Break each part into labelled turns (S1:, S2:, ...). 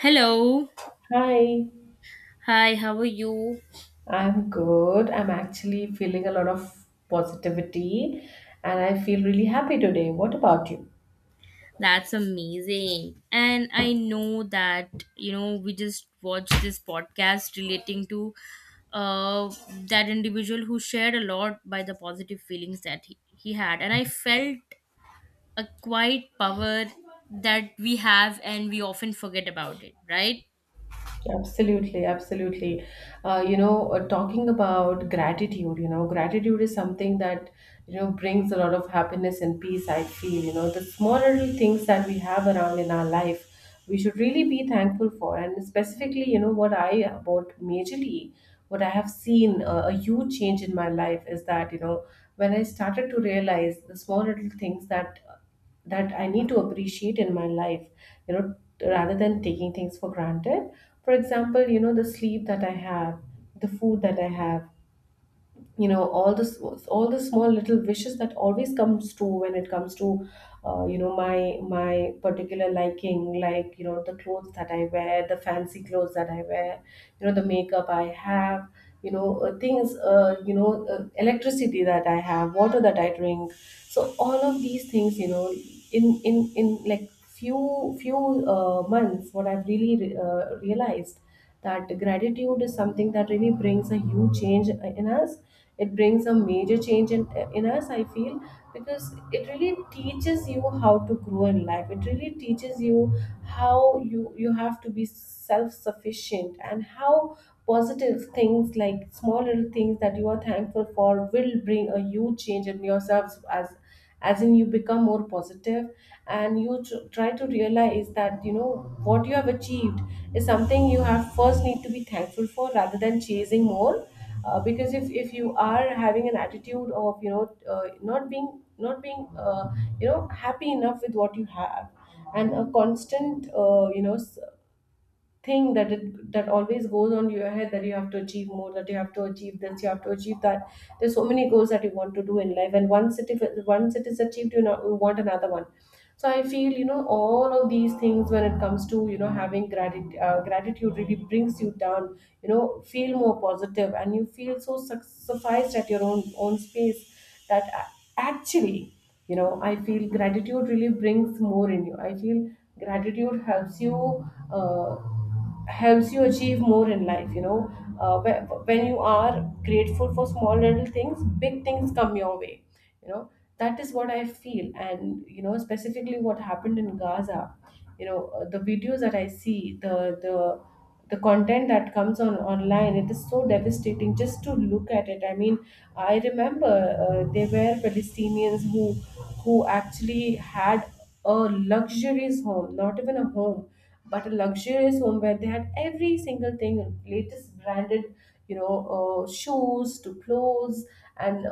S1: Hello.
S2: Hi,
S1: Hi, how are you?
S2: I'm good. I'm actually feeling a lot of positivity, and I feel really happy today. What about you?
S1: That's amazing. And I know that, you know, we just watched this podcast relating to uh, that individual who shared a lot by the positive feelings that he had. And I felt a quiet power that we have, and we often forget about it, right?
S2: Absolutely, absolutely. You know, talking about gratitude, gratitude is something that, brings a lot of happiness and peace, I feel. You know, the smaller things that we have around in our life, we should really be thankful for. And specifically, you know, what I, about majorly, what I have seen, a huge change in my life is that, you know, when I started to realize the small little things that I need to appreciate in my life, you know, rather than taking things for granted. For example, you know, the sleep that I have, the food that I have, you know, all this, all the small little wishes that always comes true when it comes to, you know, my particular liking, like, you know, the clothes that I wear, the fancy clothes that I wear, you know, the makeup I have, things, you know, electricity that I have, water that I drink. So all of these things, you know, in like few months, what I've really realized, that gratitude is something that really brings a huge change in us. It brings a major change in us, I feel, because it really teaches you how to grow in life. It really teaches you how you have to be self sufficient, and how positive things, like small little things that you are thankful for, will bring a huge change in yourselves, as in you become more positive, and you try to realize that, you know, what you have achieved is something you have first need to be thankful for, rather than chasing more. Because, if you are having an attitude of, you know, not being you know, happy enough with what you have, and a constant, you know, thing that it, that always goes on your head, that you have to achieve more, that you have to achieve this, you have to achieve that. There's so many goals that you want to do in life, and once it, if it- once it is achieved, you know, you want another one. So I feel, you know, all of these things when it comes to, you know, having gratitude, gratitude really brings you down, you know, feel more positive, and you feel so sufficed at your own space, that actually, you know, I feel gratitude really brings more in you, I feel. Gratitude helps you, uh, helps you achieve more in life. You know, when you are grateful for small little things, big things come your way, you know. That is what I feel. And you know, specifically what happened in Gaza, you know, the videos that I see, the content that comes on online, it is so devastating just to look at it. I mean, I remember there were Palestinians who actually had a luxurious home, not even a home, but a luxurious home, where they had every single thing, latest branded, you know, shoes to clothes, and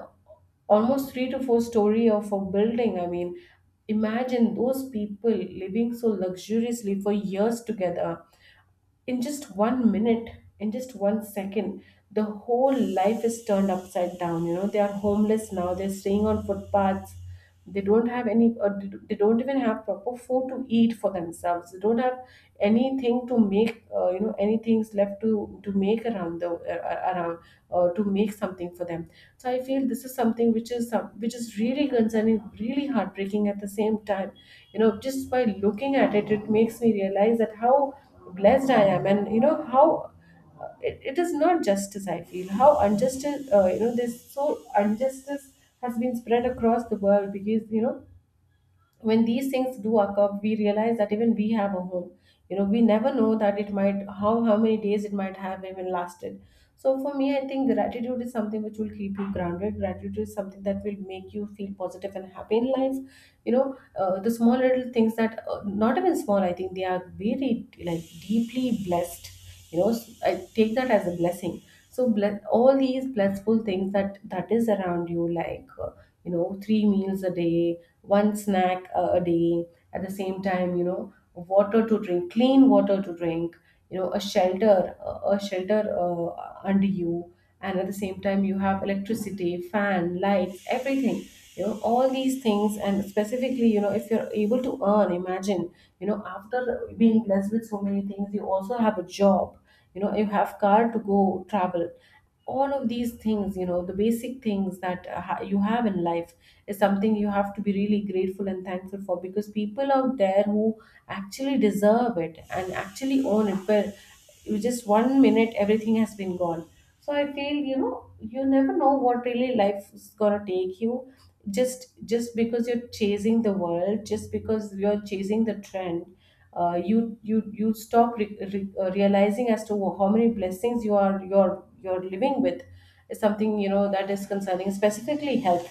S2: almost three to four story of a building. I mean, imagine those people living so luxuriously for years together, in just one minute, in just one second, the whole life is turned upside down. You know, they are homeless now, they're staying on footpaths. They don't have any, they don't even have proper food to eat for themselves. They don't have anything to make, you know, anything's left to make around the, around, to make something for them. So I feel this is something which is some which is really concerning, really heartbreaking at the same time. You know, just by looking at it, it makes me realize that how blessed I am, and you know how, it is not justice. I feel how unjustice, you know, this so injustice, has been spread across the world, because you know when these things do occur, we realize that even we have a home. You know, we never know that it might, how many days it might have even lasted. So for me, I think gratitude is something which will keep you grounded. Gratitude is something that will make you feel positive and happy in life. You know, the small little things that, not even small, I think they are very like deeply blessed. You know, I take that as a blessing. So bless all these blessful things that is around you, like, you know, three meals a day, one snack a day, at the same time, you know, water to drink, clean water to drink, you know, a shelter, a shelter, uh, under you, and at the same time you have electricity, fan, light, everything. You know, all these things, and specifically, you know, if you're able to earn, imagine, you know, after being blessed with so many things, you also have a job, you know, you have car to go travel, all of these things, you know, the basic things that, you have in life, is something you have to be really grateful and thankful for, because people out there who actually deserve it and actually own it, but you, just one minute, everything has been gone. So I feel, you know, you never know what really life is going to take you. Just because you're chasing the world, just because you're chasing the trend, you you stop realizing as to how many blessings you are, you're living with, is something you know that is concerning. Specifically health,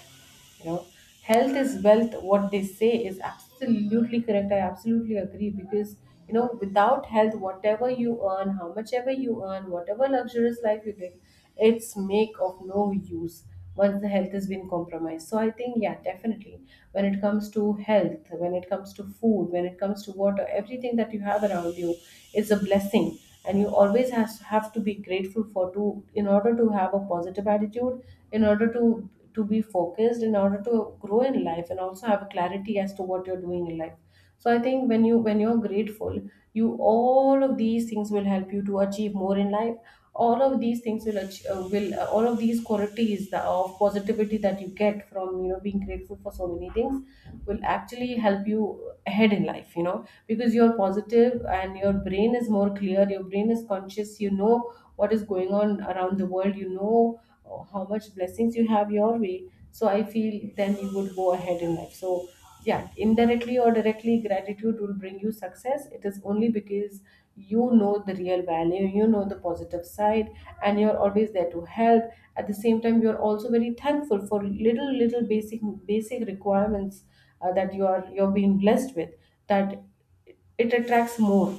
S2: you know, health is wealth. What they say is absolutely correct, I absolutely agree. Because you know without health, whatever you earn, how much ever you earn, whatever luxurious life you live, it's make of no use once the health has been compromised. So I think, yeah, definitely, when it comes to health, when it comes to food, when it comes to water, everything that you have around you is a blessing, and you always has, have to be grateful for, to, in order to have a positive attitude, in order to be focused, in order to grow in life, and also have a clarity as to what you're doing in life. So I think when you're grateful, you, all of these things will help you to achieve more in life. All of these things will all of these qualities that, of positivity that you get from, you know, being grateful for so many things, will actually help you ahead in life. You know, because you're positive and your brain is more clear, your brain is conscious, you know what is going on around the world. You know, how much blessings you have your way. So I feel then you would go ahead in life. So yeah, indirectly or directly, gratitude will bring you success. It is only because, you know, the real value, you know, the positive side, and you're always there to help, at the same time, you're also very thankful for little little basic, requirements, that you are, you're being blessed with, that it attracts more.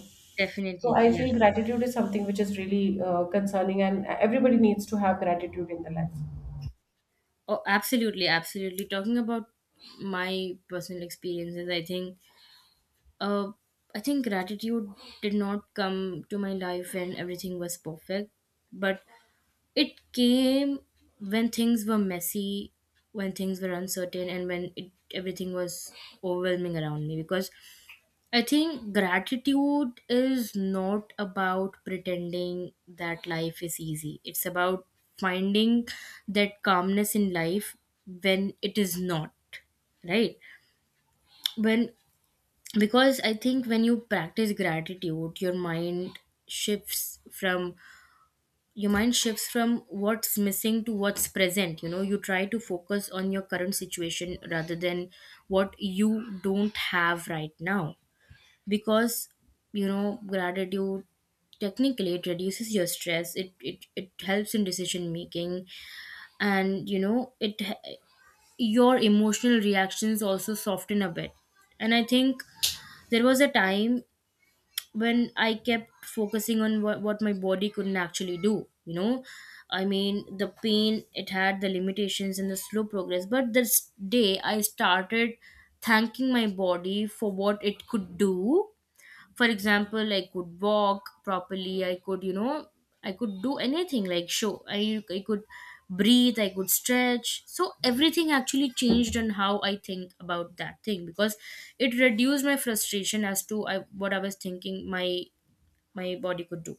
S2: So
S1: Definitely,
S2: I
S1: yeah.
S2: feel gratitude is something which is really, concerning, and everybody needs to have gratitude in their life.
S1: Oh, absolutely, absolutely. Talking about my personal experiences, Uh, I think gratitude did not come to my life when everything was perfect, but it came when things were messy, when things were uncertain, and everything was overwhelming around me. Because I think gratitude is not about pretending that life is easy, it's about finding that calmness in life when it is not right, when because I think when you practice gratitude, shifts from your mind shifts from what's missing to what's present. You know, you try to focus on your current situation rather than what you don't have right now, because, you know, gratitude technically, it reduces your stress, it helps in decision making, and you know, it your emotional reactions also soften a bit. And I think there was a time when I kept focusing on what my body couldn't actually do, you know. I mean, the pain, it had the limitations and the slow progress. But this day, I started thanking my body for what it could do. For example, I could walk properly, I could do anything. I could breathe, I could stretch. So everything actually changed on how I think about that thing, because it reduced my frustration as to what I was thinking my body could do.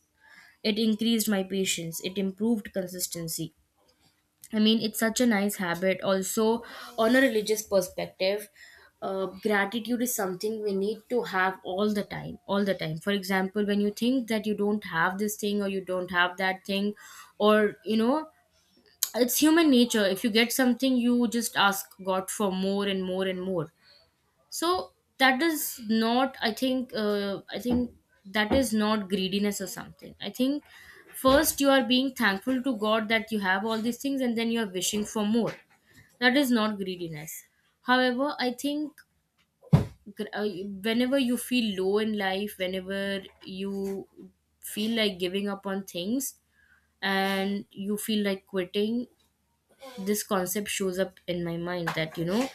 S1: It increased my patience, it improved consistency. I mean, it's such a nice habit. Also, on a religious perspective, gratitude is something we need to have all the time. All the time. For example, when you think that you don't have this thing or you don't have that thing, or you know, it's human nature. If you get something, you just ask God for more and more and more. So that is not, I think, that is not greediness or something. I think first you are being thankful to God that you have all these things, and then you are wishing for more. That is not greediness. However, I think, gr- uh, whenever you feel low in life, whenever you feel like giving up on things and you feel like quitting, this concept shows up in my mind that, you know,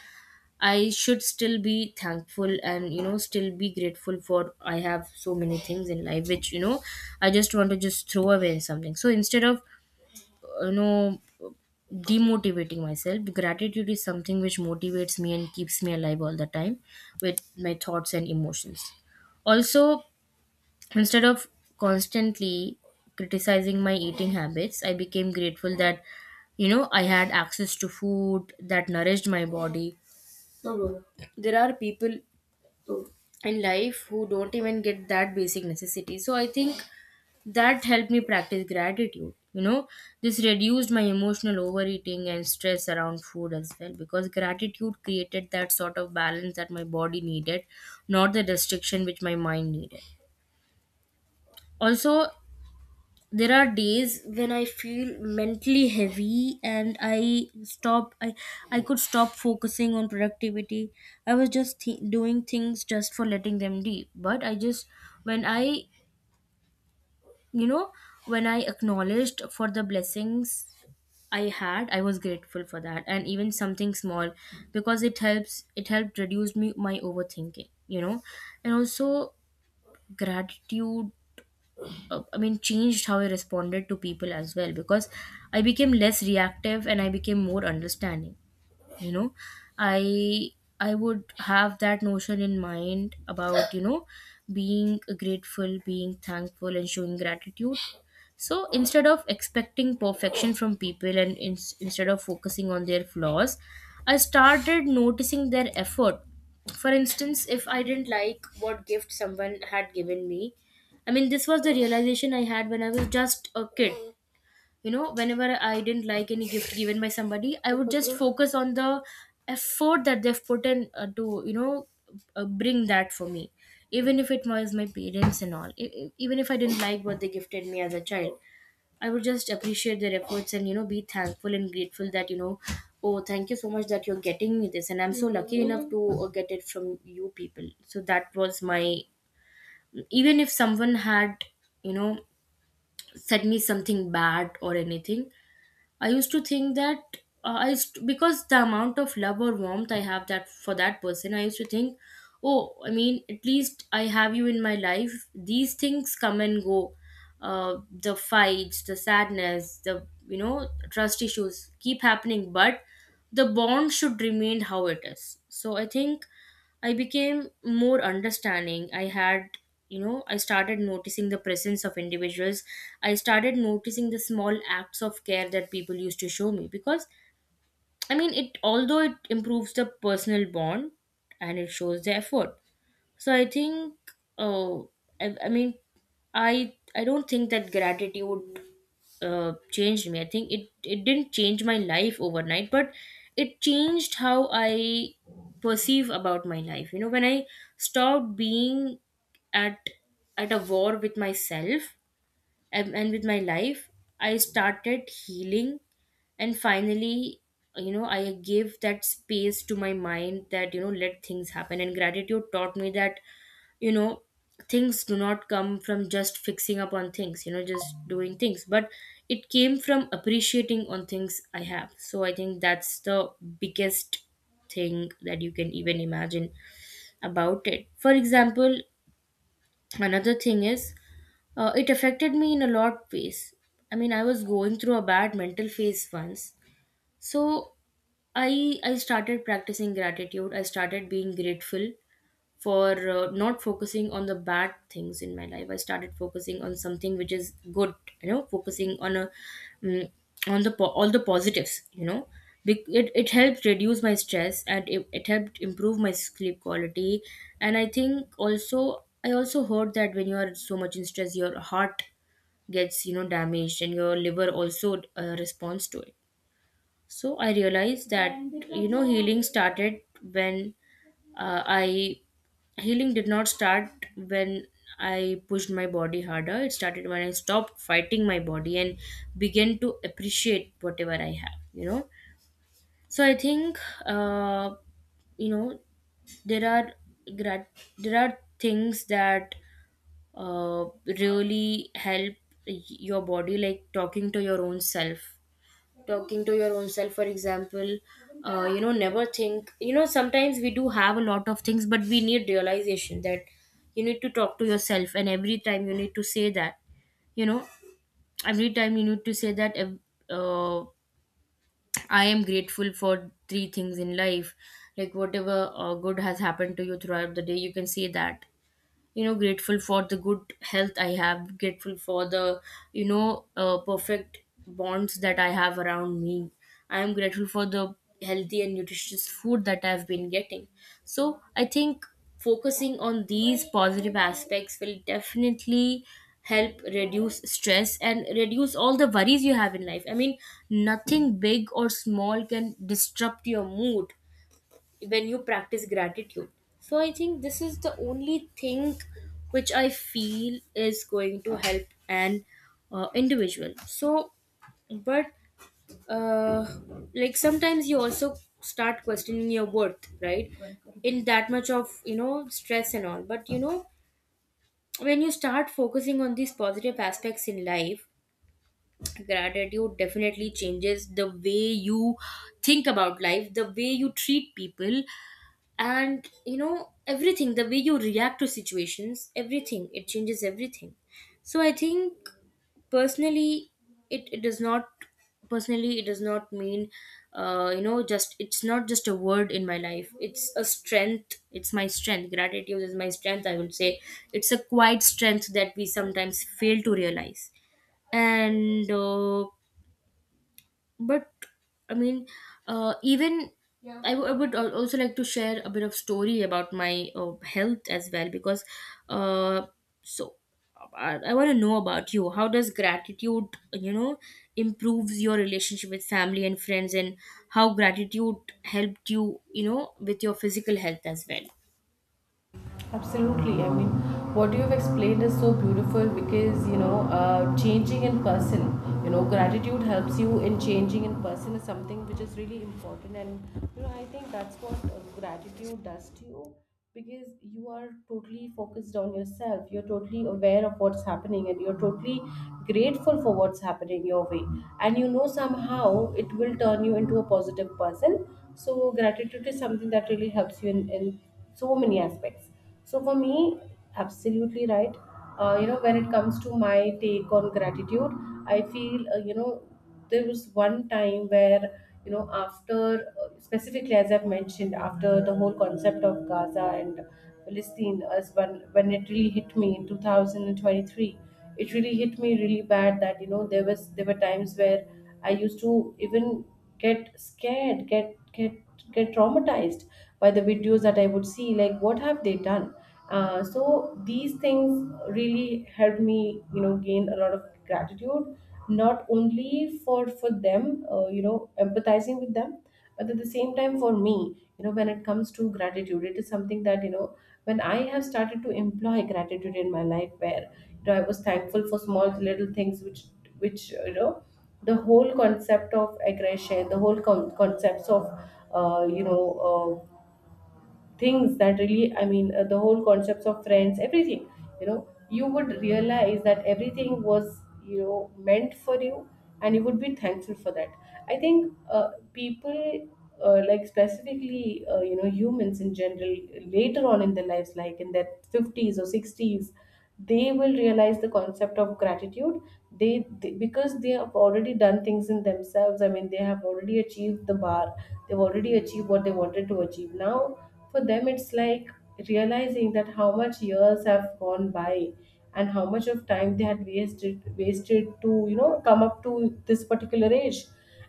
S1: I should still be thankful, and you know, still be grateful, for I have so many things in life which, you know, I just want to just throw away something. So instead of you know, demotivating myself, gratitude is something which motivates me and keeps me alive all the time with my thoughts and emotions. Also, instead of constantly criticizing my eating habits, I became grateful that, you know, I had access to food that nourished my body. There are people in life who don't even get that basic necessity, so I think that helped me practice gratitude, you know. This reduced my emotional overeating and stress around food as well, because gratitude created that sort of balance that my body needed, not the restriction which my mind needed. Also, there are days when I feel mentally heavy, and I could stop focusing on productivity. I was just doing things just for letting them be, but I just when I you know when I acknowledged for the blessings I had, I was grateful for that, and even something small, because it helped reduce me my overthinking, you know. And also, gratitude, I mean, changed how I responded to people as well, because I became less reactive and I became more understanding. You know, i I would have that notion in mind about, you know, being grateful, being thankful, and showing gratitude. So instead of expecting perfection from people, and instead of focusing on their flaws, I started noticing their effort. For instance, if I didn't like what gift someone had given me, I mean, this was the realization I had when I was just a kid. You know, whenever I didn't like any gift given by somebody, I would just focus on the effort that they've put in, to, you know, bring that for me, even if it was my parents and all. Even if I didn't like what they gifted me as a child, I would just appreciate their efforts and, you know, be thankful and grateful that, you know, oh, thank you so much that you're getting me this, and I'm so lucky enough to get it from you people. So that was my. Even if someone had, you know, said me something bad or anything, I used to think that I used to- because the amount of love or warmth I have, that for that person, I used to think, oh, I mean, at least I have you in my life. These things come and go. The fights, the sadness, the trust issues keep happening, but the bond should remain how it is. So I think I became more understanding. I had, you know, I started noticing the presence of individuals. I started noticing the small acts of care that people used to show me, because, I mean, it although it improves the personal bond and it shows the effort. So I think. Oh, I mean, I don't think that gratitude changed me. I think it didn't change my life overnight, but it changed how I perceive about my life. You know, when I stopped being at at a war with myself, and with my life, I started healing. And finally, you know, I gave that space to my mind, that, you know, let things happen, and gratitude taught me that, you know, things do not come from just fixing up on things, you know, just doing things, but it came from appreciating on things I have. So I think that's the biggest thing that you can even imagine about it. For example, another thing is, it affected me in a lot of ways. I mean, I was going through a bad mental phase once. So I started practicing gratitude. I started being grateful for, not focusing on the bad things in my life. I started focusing on something which is good, you know, focusing on a mm on the po- all the positives, you know. It helped reduce my stress, and it helped improve my sleep quality. And I also heard that when you are so much in stress, your heart gets, you know, damaged, and your liver also responds to it. So I realized that, you know, uh, i healing did not start when I pushed my body harder. It started when I stopped fighting my body and began to appreciate whatever I have, you know. So I think, uh, you know, there are there are things that uh, really help your body, like talking to your own self talking to your own self. For example, you know, never think, you know, sometimes we do have a lot of things, but we need realization that you need to talk to yourself, and every time you need to say that, you know, every time you need to say that uh, I am grateful for three things in life. Like whatever good has happened to you throughout the day, you can say that, you know, grateful for the good health I have, grateful for the perfect bonds that I have around me. I am grateful for the healthy and nutritious food that I've been getting. So I think focusing on these positive aspects will definitely help reduce stress and reduce all the worries you have in life. I mean, nothing big or small can disrupt your mood when you practice gratitude. So I think this is the only thing which I feel is going to help an individual. So, but uh, like sometimes you also start questioning your worth, right? In that much of, stress and all, but you know when you start focusing on these positive aspects in life, gratitude definitely changes the way you think about life, the way you treat people, and everything, the way you react to situations, everything. It changes everything. So I think personally, it does not personally it does not mean, you know, just, it's not just a word in my life. It's a strength, it's my strength. Gratitude is my strength, I would say. It's a quiet strength that we sometimes fail to realize. And but I mean even Yeah. I would also like to share a bit of story about my health as well, because uh, so I want to know about you. How does gratitude, you know improves your relationship with family and friends, and how gratitude helped you, you know with your physical health as well.
S2: Absolutely. I mean, what you have explained is so beautiful, because, you know, changing in person, you know, gratitude helps you in changing in person, is something which is really important. And, you know, I think that's what gratitude does to you, because you are totally focused on yourself. You're totally aware of what's happening, and you're totally grateful for what's happening your way. And you know, somehow it will turn you into a positive person. So, gratitude is something that really helps you in so many aspects. So for me, absolutely right. You know, when it comes to my take on gratitude, I feel, you know, there was one time where, you know, after, specifically, as I've mentioned, after the whole concept of Gaza and Palestine, as when it really hit me in 2023, it really hit me really bad, that you know there were times where I used to, even, get scared, get traumatized by the videos that I would see. Like, what have they done? So these things really helped me, you know, gain a lot of gratitude, not only for them, you know, empathizing with them, but at the same time for me, you know, when it comes to gratitude, it is something that you know when I have started to employ gratitude in my life, where you know I was thankful for small little things, which the whole concept of aggression, the whole concepts of uh, you know uh, things that really the whole concepts of friends, everything. You know, you would realize that everything was, you know, meant for you, and you would be thankful for that. I think people, like specifically, you know, humans in general, later on in their lives, like in their 50s or 60s, they will realize the concept of gratitude. They because they have already done things in themselves, I mean they have already achieved the bar, they've already achieved what they wanted to achieve. Now for them, it's like realizing that how much years have gone by and how much of time they had wasted to, you know, come up to this particular age.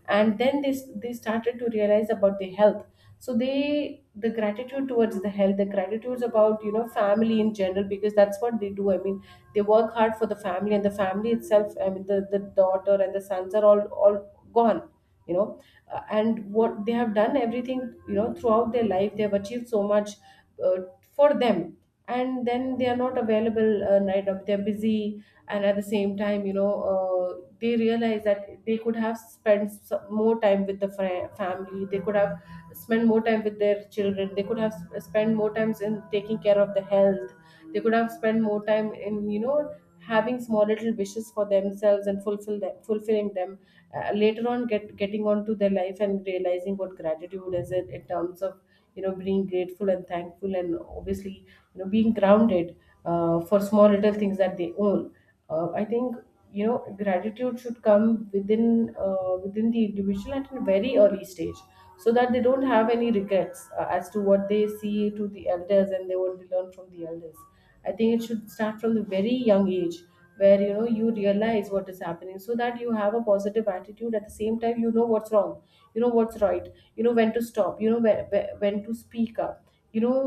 S2: And then they started to realize about their health. So they, the gratitude towards the health, the gratitudes about, you know, family in general, because that's what they do. I mean, they work hard for the family, and the family itself, I mean, the daughter and the sons are all gone, you know. And what they have done everything, you know, throughout their life they have achieved so much, uh, for them. And then they are not available, right now they're busy. And at the same time, you know, they realize that they could have spent more time with the family, they could have spent more time with their children, they could have spent more times in taking care of the health, they could have spent more time in, you know, having small little wishes for themselves and fulfilling them. Later on, getting on to their life and realizing what gratitude is, in terms of, you know, being grateful and thankful, and obviously, you know, being grounded, for small little things that they own. I think, you know, gratitude should come within, within the individual at a very early stage, so that they don't have any regrets, as to what they see to the elders and they what they learn from the elders. I think it should start from the very young age, where, you know, you realize what is happening, so that you have a positive attitude. At the same time, you know what's wrong, you know what's right, you know when to stop, you know, whe- whe- when to speak up, you know,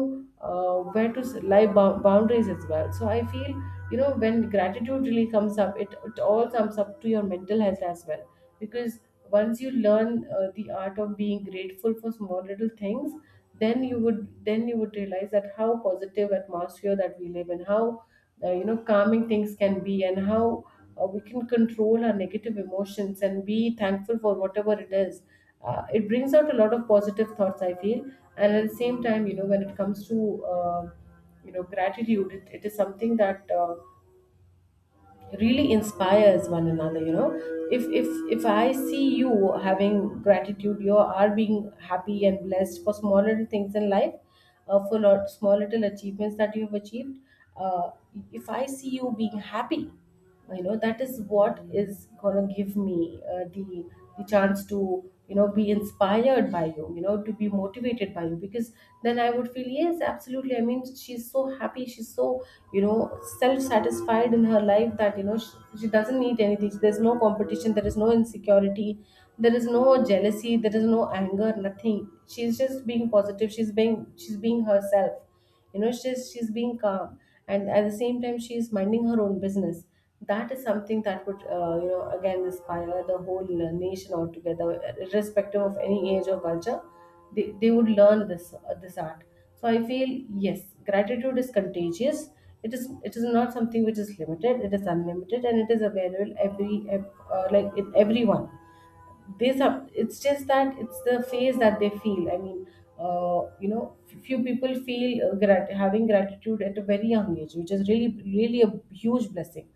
S2: where to lie boundaries as well. So I feel, you know, when gratitude really comes up, it all comes up to your mental health as well, because once you learn, the art of being grateful for small little things, then you would, then you would realize that how positive atmosphere that we live in, how, you know, calming things can be, and how, we can control our negative emotions and be thankful for whatever it is. It brings out a lot of positive thoughts, I feel. And at the same time, you know, when it comes to, you know, gratitude, it is something that, really inspires one another. You know, if if if I see you having gratitude, you are being happy and blessed for small little things in life, for lot small little achievements that you have achieved. uh, if I see you being happy, you know, that is what is gonna give me, the chance to, you know, be inspired by you, you know, to be motivated by you. Because then I would feel, yes, absolutely, I mean, she's so happy, she's so, you know, self-satisfied in her life, that, you know, she doesn't need anything, there's no competition, there is no insecurity, there is no jealousy, there is no anger, nothing. She's just being positive, she's being, she's being herself, you know, she's being calm. And at the same time, she's minding her own business. That is something that would, you know, again, inspire the whole nation altogether, irrespective of any age or culture. They would learn this, this art. So I feel, yes, gratitude is contagious. It is, it is not something which is limited, it is unlimited, and it is available like in everyone. It's just that it's the phase that they feel. I mean, you know, few people feel, having gratitude at a very young age, which is really really a huge blessing.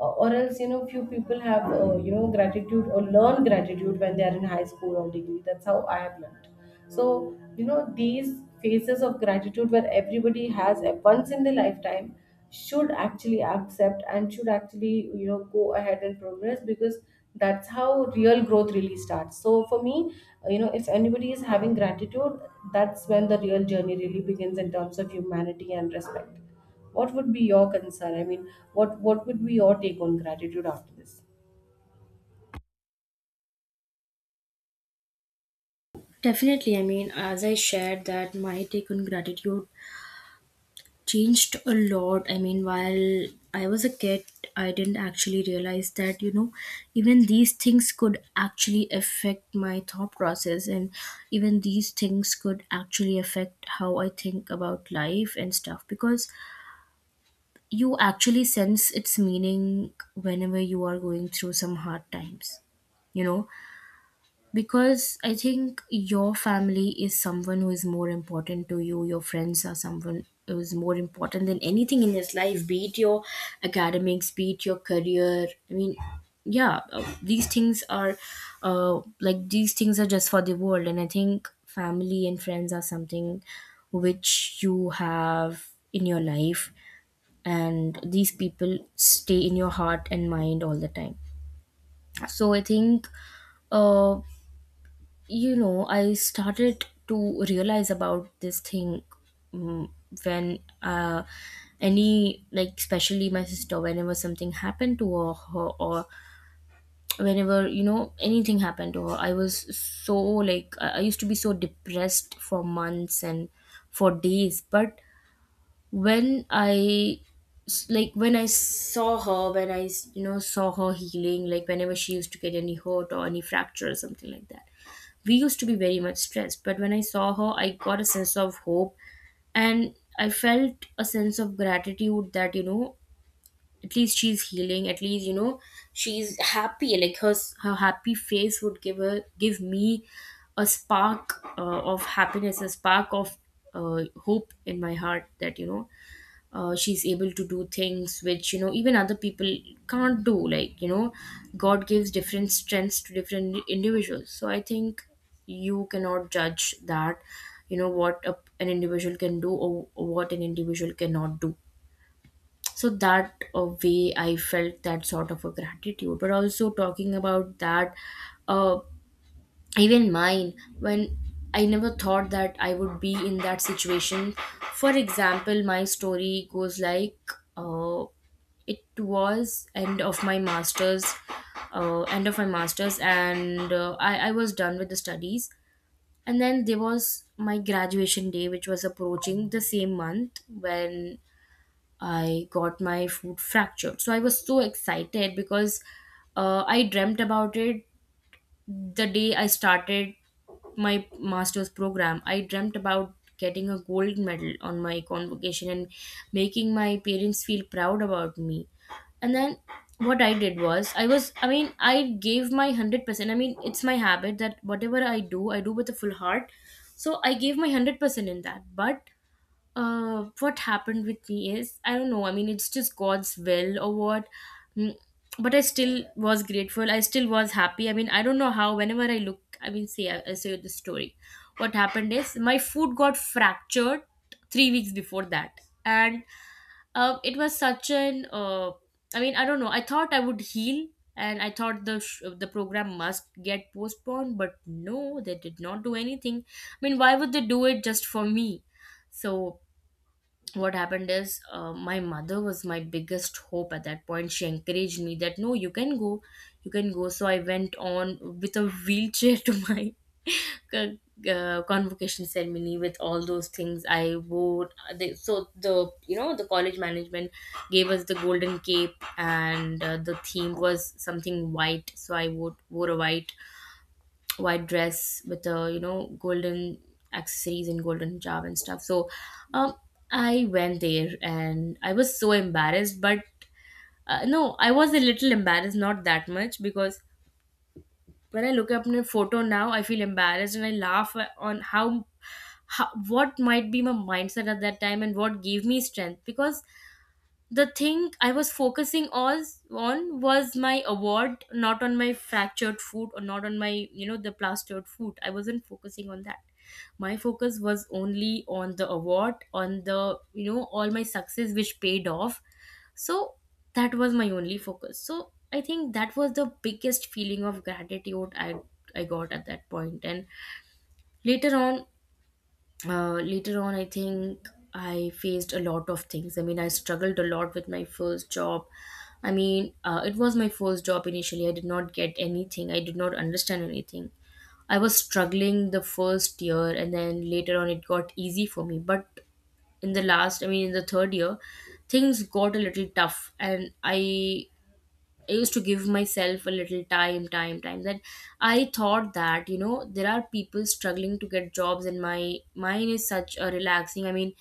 S2: Or else, you know, few people have, you know, gratitude, or learn gratitude when they are in high school or degree. That's how I have learned. So you know, these phases of gratitude, where everybody has a once in their lifetime, should actually accept and should actually, you know, go ahead and progress, because that's how real growth really starts. So for me, you know, if anybody is having gratitude, that's when the real journey really begins in terms of humanity and respect. What would be your concern, I mean, what would be your take on gratitude after this?
S1: Definitely, I mean, as I shared, that my take on gratitude changed a lot. I mean, while I was a kid, I didn't actually realize that, you know, even these things could actually affect my thought process, and even these things could actually affect how I think about life and stuff, because you actually sense its meaning whenever you are going through some hard times, you know, because I think your family is someone who is more important to you. Your friends are someone who is more important than anything in this life, be it your academics, be it your career. I mean, yeah, these things are, like, these things are just for the world. And I think family and friends are something which you have in your life, and these people stay in your heart and mind all the time. So I think, uh, you know, I started to realize about this thing, mm, when, any, like, especially my sister, whenever something happened to her or whenever, you know, anything happened to her, I was so like, I used to be so depressed for months and for days. But when like when I saw her, when you know, saw her healing, like whenever she used to get any hurt or any fracture or something like that, we used to be very much stressed. But when I saw her, I got a sense of hope, and I felt a sense of gratitude that, you know, at least she's healing, at least, you know, she's happy, like her, her happy face would give her give me a spark of happiness, a spark of hope in my heart, that you know, she's able to do things which, you know, even other people can't do, like, you know, god gives different strengths to different individuals. So I think you cannot judge that, you know, what an individual can do, or what an individual cannot do. So that, way, I felt that sort of a gratitude. But also talking about that, uh, even mine, when I never thought that I would be in that situation. For example, my story goes like, uh, it was end of my masters, end of my masters and I was done with the studies, and then there was my graduation day, which was approaching the same month when I got my foot fractured. So I was so excited because, I dreamt about it. The day I started my master's program, I dreamt about getting a gold medal on my convocation, and making my parents feel proud about me. And then what I did was, I mean, I gave my 100%. I mean, it's my habit that whatever I do with a full heart. So I gave my 100% in that. But what happened with me is, I don't know, I mean, it's just god's will or what. Mm, but I still was grateful, I still was happy. I mean, I don't know how, whenever I look, I mean, say I say the story, what happened is, my foot got fractured 3 weeks before that. And it was such an, I mean, I don't know, I thought I would heal, and I thought the the program must get postponed. But no, they did not do anything. I mean, why would they do it just for me? So what happened is, my mother was my biggest hope at that point. She encouraged me that no, you can go, you can go. So I went on with a wheelchair to my c- convocation ceremony. With all those things I wore, they, so the, you know, the college management gave us the golden cape, and the theme was something white. So I wore, a white, white dress with a, you know, golden accessories and golden hijab and stuff. So um I went there and I was so embarrassed, but no, I was a little embarrassed, not that much, because when I look up my photo now, I feel embarrassed and I laugh on how, what might be my mindset at that time and what gave me strength. Because the thing I was focusing was on was my award, not on my fractured foot, or not on my, you know, the plastered foot. I wasn't focusing on that. My focus was only on the award, on the, you know, all my success, which paid off. So that was my only focus. So I think that was the biggest feeling of gratitude I got at that point. And later on, I think I faced a lot of things. I mean, I struggled a lot with my first job. I mean, it was my first job. Initially, I did not get anything, I did not understand anything. I was struggling the first year, and then later on, it got easy for me. But in the last, I mean, in the third year, things got a little tough, and I used to give myself a little time. That I thought that, you know, there are people struggling to get jobs, and my mine is such a relaxing. I mean,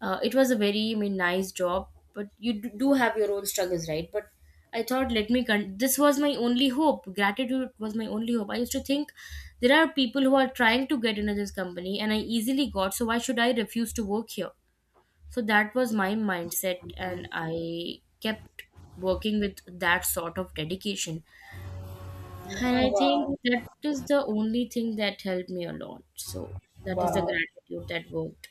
S1: it was a very, I mean, nice job, but you do have your own struggles, right? But I thought, let me. This was my only hope. Gratitude was my only hope. I used to think there are people who are trying to get into this company, and I easily got. So why should I refuse to work here? So that was my mindset, and I kept working with that sort of dedication, and
S2: Oh,
S1: I think
S2: wow.
S1: that is the only thing that helped me a lot. So that is the
S2: Wow,
S1: gratitude that worked.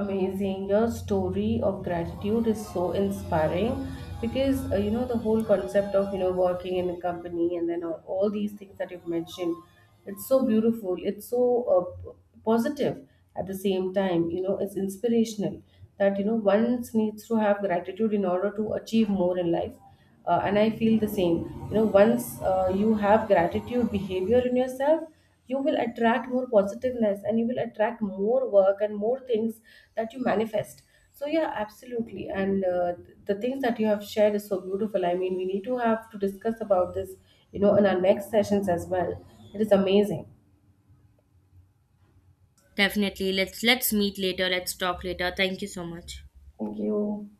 S2: amazing, your story of gratitude is so inspiring, because, you know, the whole concept of, you know, working in a company, and then all these things that you've mentioned, it's so beautiful, it's so, positive, at the same time, you know, it's inspirational, that, you know, one needs to have gratitude in order to achieve more in life. And I feel the same. You know, once, you have gratitude behavior in yourself, you will attract more positiveness, and you will attract more work and more things that you manifest. So yeah, absolutely. And, the things that you have shared is so beautiful, I mean, we need to have to discuss about this, you know, in our next sessions as well. It is amazing.
S1: Definitely, let's meet later, let's talk later. Thank you so much.
S2: Thank you.